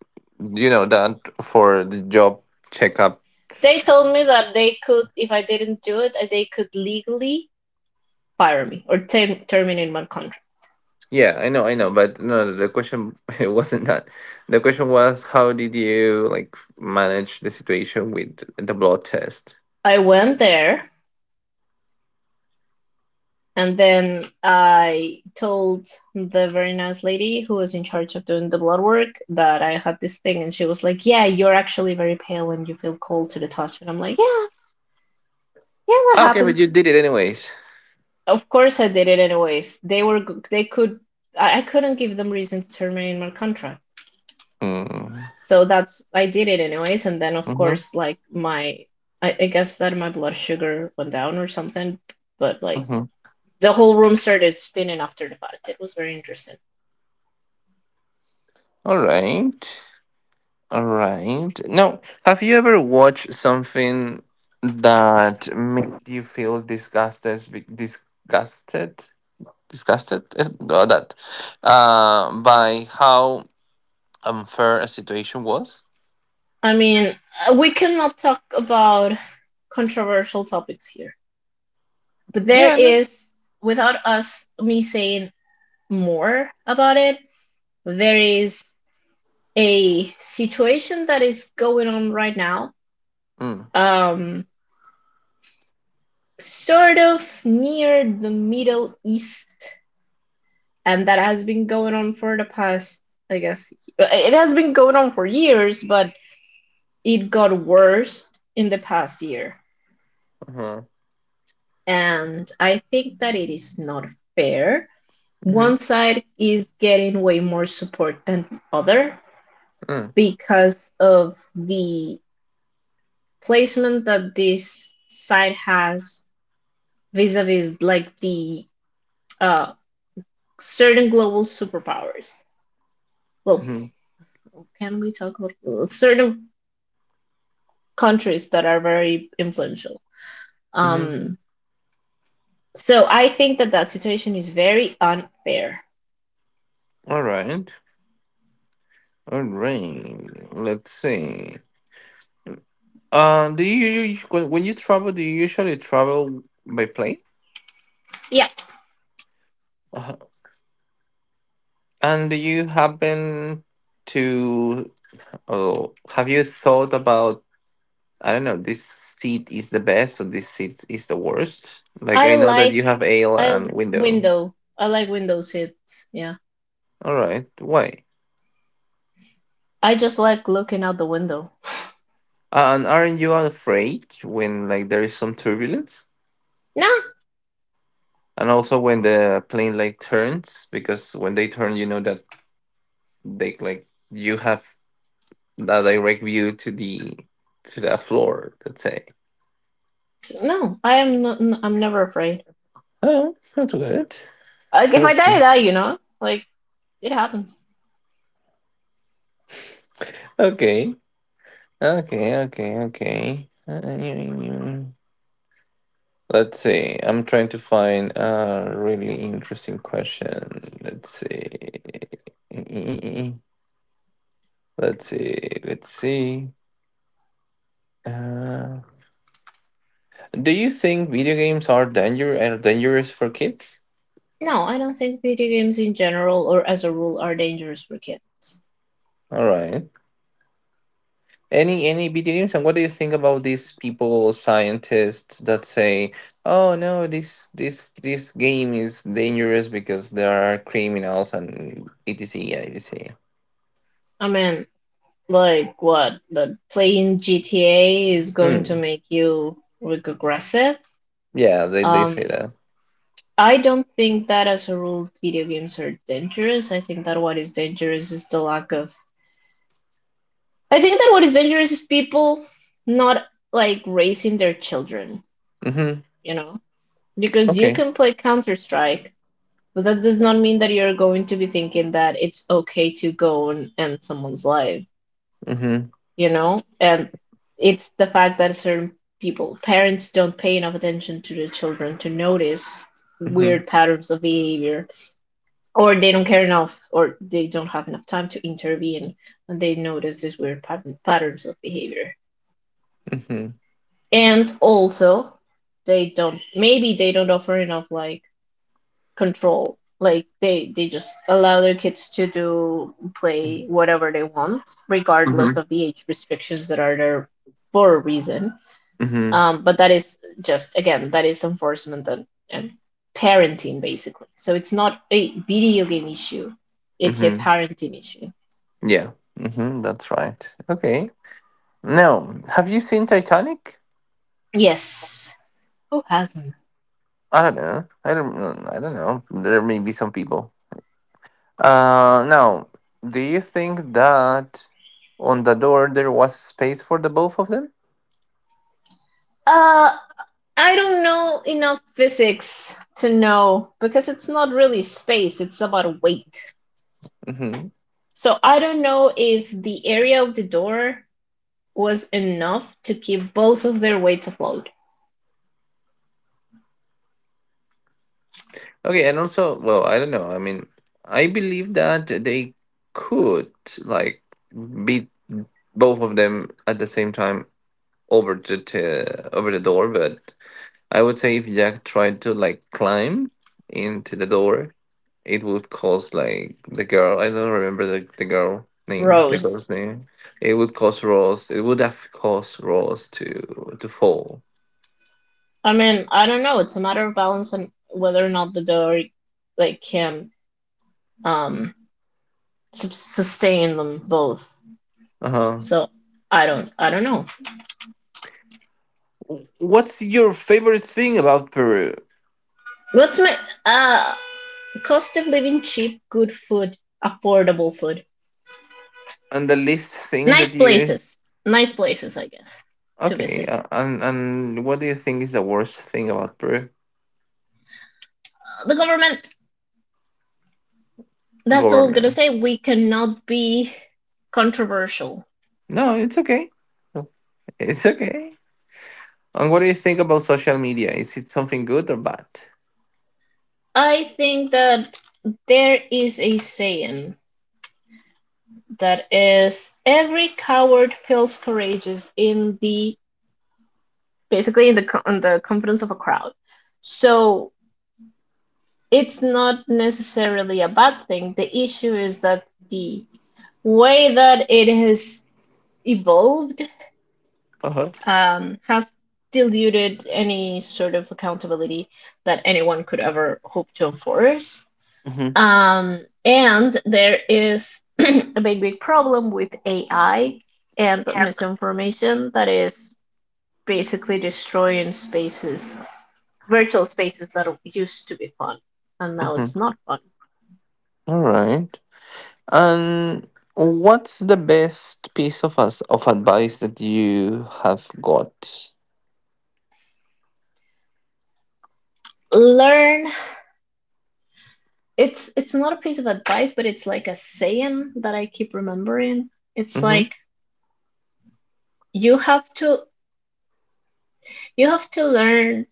you know that for the job checkup?
They told me that they could, if I didn't do it, uh, they could legally fire me or ter terminate my contract.
Yeah, I know, I know, but no, the question it wasn't that. The question was how did you like manage the situation with the blood test?
I went there and then I told the very nice lady who was in charge of doing the blood work that I had this thing, and she was like, "Yeah, you're actually very pale and you feel cold to the touch." And I'm like, "Yeah, yeah, that
Ah, okay, but you
happens."
did it anyways.
Of course, I did it anyways. They were they could I I couldn't give them reason to terminate my contract,
Mm.
so that's I did it anyways. And then of
Mm-hmm.
course, like my I, I guess that my blood sugar went down or something, but like
Mm-hmm.
the whole room started spinning after the fact. It was very interesting.
All right. All right. Now, have you ever watched something that made you feel disgusted, be- disgusted, disgusted Is- no, that uh, by how unfair a situation was?
I mean, uh, we cannot talk about controversial topics here, but there
Yeah. No?
is, without us, me saying more about it, there is a situation that is going on right now,
Mm,
um, sort of near the Middle East, and that has been going on for the past, I guess, it has been going on for years, but it got worse in the past year.
uh-huh.
And I think that it is not fair.
Mm-hmm.
One side is getting way more support than the other
Mm,
because of the placement that this side has vis a vis like the uh, certain global superpowers. Well,
mm-hmm.
can we talk about certain countries that are very influential?
Mm-hmm.
Um, so I think that that situation is very unfair.
All right. All right. Let's see. Uh, do you when when you travel? Do you usually travel by plane?
Yeah,
Uh, and do you happen to? Oh, have you thought about, I don't know, this seat is the best or this seat is the worst? Like,
I
I know that
like
you have ale
I
and window.
window. I like window seats. Yeah.
All right, why?
I just like looking out the window.
And aren't you afraid when like there is some turbulence?
No,
And also when the plane like turns, because when they turn, you know that they like you have a direct view to the to the floor, let's say.
no. I am not, i I'm never afraid.
Oh, that's good.
Like if I
That's
die, I
good.
die, you know? Like it happens.
Okay. Okay, okay, okay. Uh, yeah, yeah. Let's see. I'm trying to find a really interesting question. Let's see. Let's see. Let's see. Uh, do you think video games are danger are dangerous for kids?
No, I don't think video games in general or as a rule are dangerous for kids.
All right. Any any video games? And what do you think about these people, scientists that say, "Oh no, this this this game is dangerous because there are criminals and etc et cetera"
I mean, like what? That playing G T A is going to
Mm.
make you like aggressive.
Yeah, they they say
Um,
that.
I don't think that as a rule video games are dangerous. I think that what is dangerous is the lack of I think that what is dangerous is people not like raising their children,
Mm-hmm.
you know, because you
Okay.
can play Counter Strike, but that does not mean that you're going to be thinking that it's okay to go and end someone's life,
Mhm.
you know, and it's the fact that certain people, parents, don't pay enough attention to their children to notice
Mhm.
weird patterns of behavior, or they don't care enough, or they don't have enough time to intervene when they notice these weird pat- patterns of behavior.
Mhm.
And also they don't maybe they don't offer enough like control like they they just allow their kids to do play whatever they want regardless
Mhm.
of the age restrictions that are there for a reason.
Mhm.
um but that is just again that is enforcement and, and parenting basically, so it's not a video game issue, it's a
Mhm.
parenting issue.
Yeah. Mhm. That's right. Okay. Now, have you seen Titanic?
Yes, who hasn't?
I don't know. I don't. Mm, I don't know. There may be some people. Uh. Now, do you think that on the door there was space for the both of them?
uh I don't know enough physics to know because it's not really space, it's about weight.
Mhm.
So I don't know if the area of the door was enough to keep both of their weights afloat.
Okay. And also, well, I don't know. I mean, I believe that they could like be both of them at the same time over the t- over the door, but I would say if Jack tried to like climb into the door, it would cause like the girl. I don't remember the, the girl name, the
Rose.
girl's name. It would cause Ross. It would have caused Ross to to fall.
I mean, I don't know. It's a matter of balance and whether or not the door like can um sustain them both.
Uh huh.
So I don't I don't know.
What's your favorite thing about Peru?
What's my uh cost of living cheap, good food, affordable food?
And the least thing
nice
that you
places, Nice places, I guess, to
okay,
visit.
uh, and and what do you think is the worst thing about Peru
Uh, The government, that's all I'm gonna
government?
say. We cannot be controversial.
No, it's okay. It's okay. And what do you think about social media? Is it something good or bad?
I think that there is a saying that is every coward feels courageous in the basically in the co- in the confidence of a crowd. So it's not necessarily a bad thing. The issue is that the way that it has evolved,
Uh huh.
um, has diluted any sort of accountability that anyone could ever hope to enforce.
Hmm.
Um, and there is a big, big problem with A I and misinformation that is basically destroying spaces, virtual spaces that used to be fun, and now
Mm-hmm.
it's not fun.
All right. And what's the best piece of us of advice that you have got?
Learn. It's it's not a piece of advice, but it's like a saying that I keep remembering. It's
Mm-hmm.
like you have to you have to learn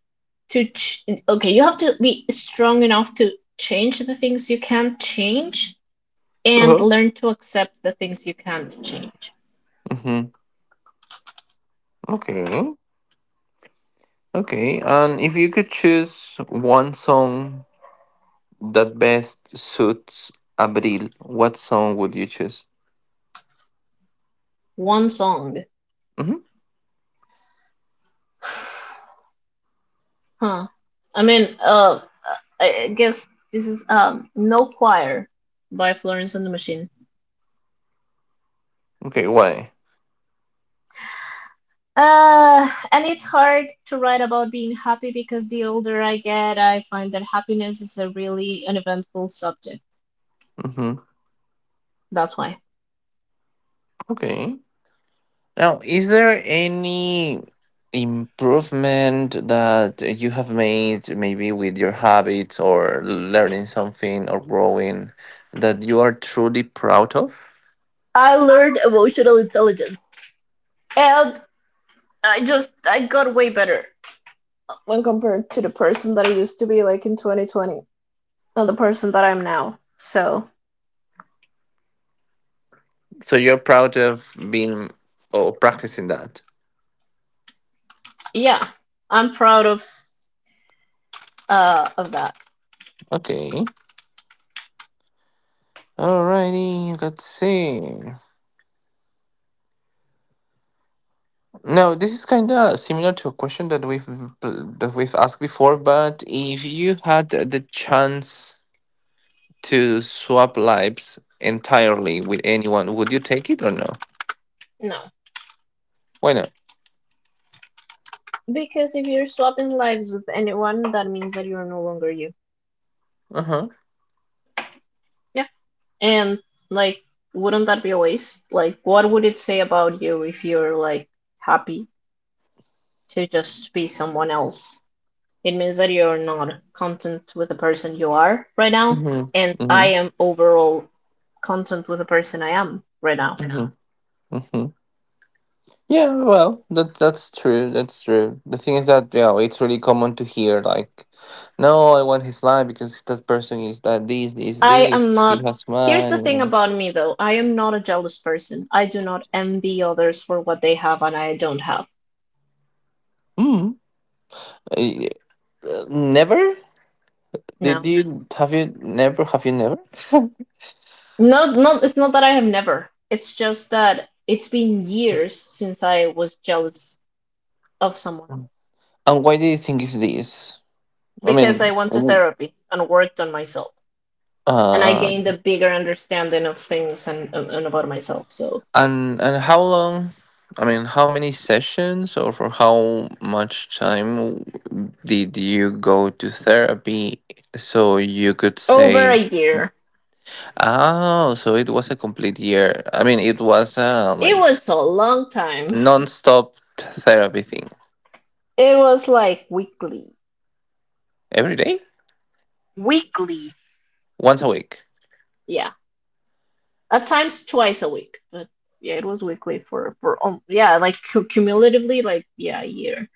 to ch- okay you have to be strong enough to change the things you can't change
Uh
and
huh.
learn to accept the things you can't change.
Mm-hmm. Okay. Okay. And if you could choose one song that best suits Abril, what song would you choose?
One song.
Mm-hmm.
huh i mean uh i I guess this is um No Choir by Florence and the Machine.
Okay. Why?
uh and it's hard to write about being happy because the older I get I find that happiness is a really uneventful subject.
Mm-hmm.
That's why.
Okay. Now, is there any improvement that you have made, maybe with your habits or learning something or growing, that you are truly proud of?
I learned emotional intelligence. And I just I got way better when compared to the person that I used to be like in twenty twenty and the person that I'm now. So
So you're proud of being or practicing that.
yeah, I'm proud of uh of that.
Okay. Alrighty, let's see. Now, this is kind of similar to a question that we've that we've asked before, but if you had the chance to swap lives entirely with anyone, would you take it or no?
No,
Why not?
because if you're swapping lives with anyone, that means that you're no longer you.
Uh huh.
Yeah, and like wouldn't that be a waste? Like, what would it say about you if you're like happy to just be someone else? It means that you're not content with the person you are right now,
Mhm.
and I
Mhm.
am overall content with the person I am right now.
Mhm. Mhm. Yeah. Well, that that's true. That's true. The thing is that yeah, it's really common to hear like, no, I want his life because that person is that this this
I
this.
am
He
not.
has
Here's the
money.
thing
And...
about me though. I am not a jealous person. I do not envy others for what they have and I don't have.
Hmm. I- uh, never. Did
No.
you have you never have you never?
No, no, it's not that I have never. It's just that it's been years since I was jealous of someone
And why do you think it's this? I
because
mean,
I went to therapy and worked on myself. And I
uh,
gained a bigger understanding of things and, and about myself. So
And and how long? I mean, how many sessions or for how much time did you go to therapy so you could
over a
say,
year.
oh, so it was a complete year. I mean, it was a
It
like
was a long time.
non-stop therapy thing
It was like weekly.
every day,
Weekly.
once a week.
Yeah. At times twice a week. But yeah, it was weekly for for um, yeah, like cumulatively like yeah, a year.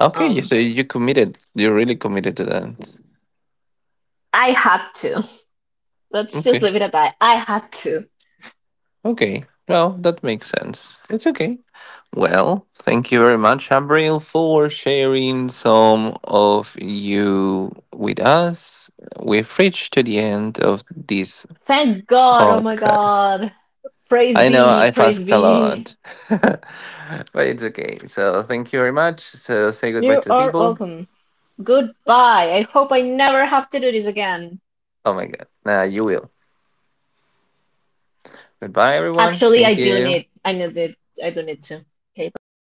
Okay, you-
Um
so you committed. You really committed to that.
I had to. Let's just
Okay.
leave it at that. I had to.
Okay. Well, that makes sense. It's okay. Well, thank you very much, Abril, for sharing some of you with us. We've reached to the end of this
Thank God. Oh my
podcast.
God. Praise
I know
be.
I've
Praise
asked a
be.
lot, but it's okay. So thank you very much. So say goodbye
You
to the
are
people.
welcome. Goodbye. I hope I never have to do this again.
Oh my God. Nah, you will. Goodbye, everyone.
Actually, I
Thank
do
you.
need I need it. I do need to. Okay, bye-bye.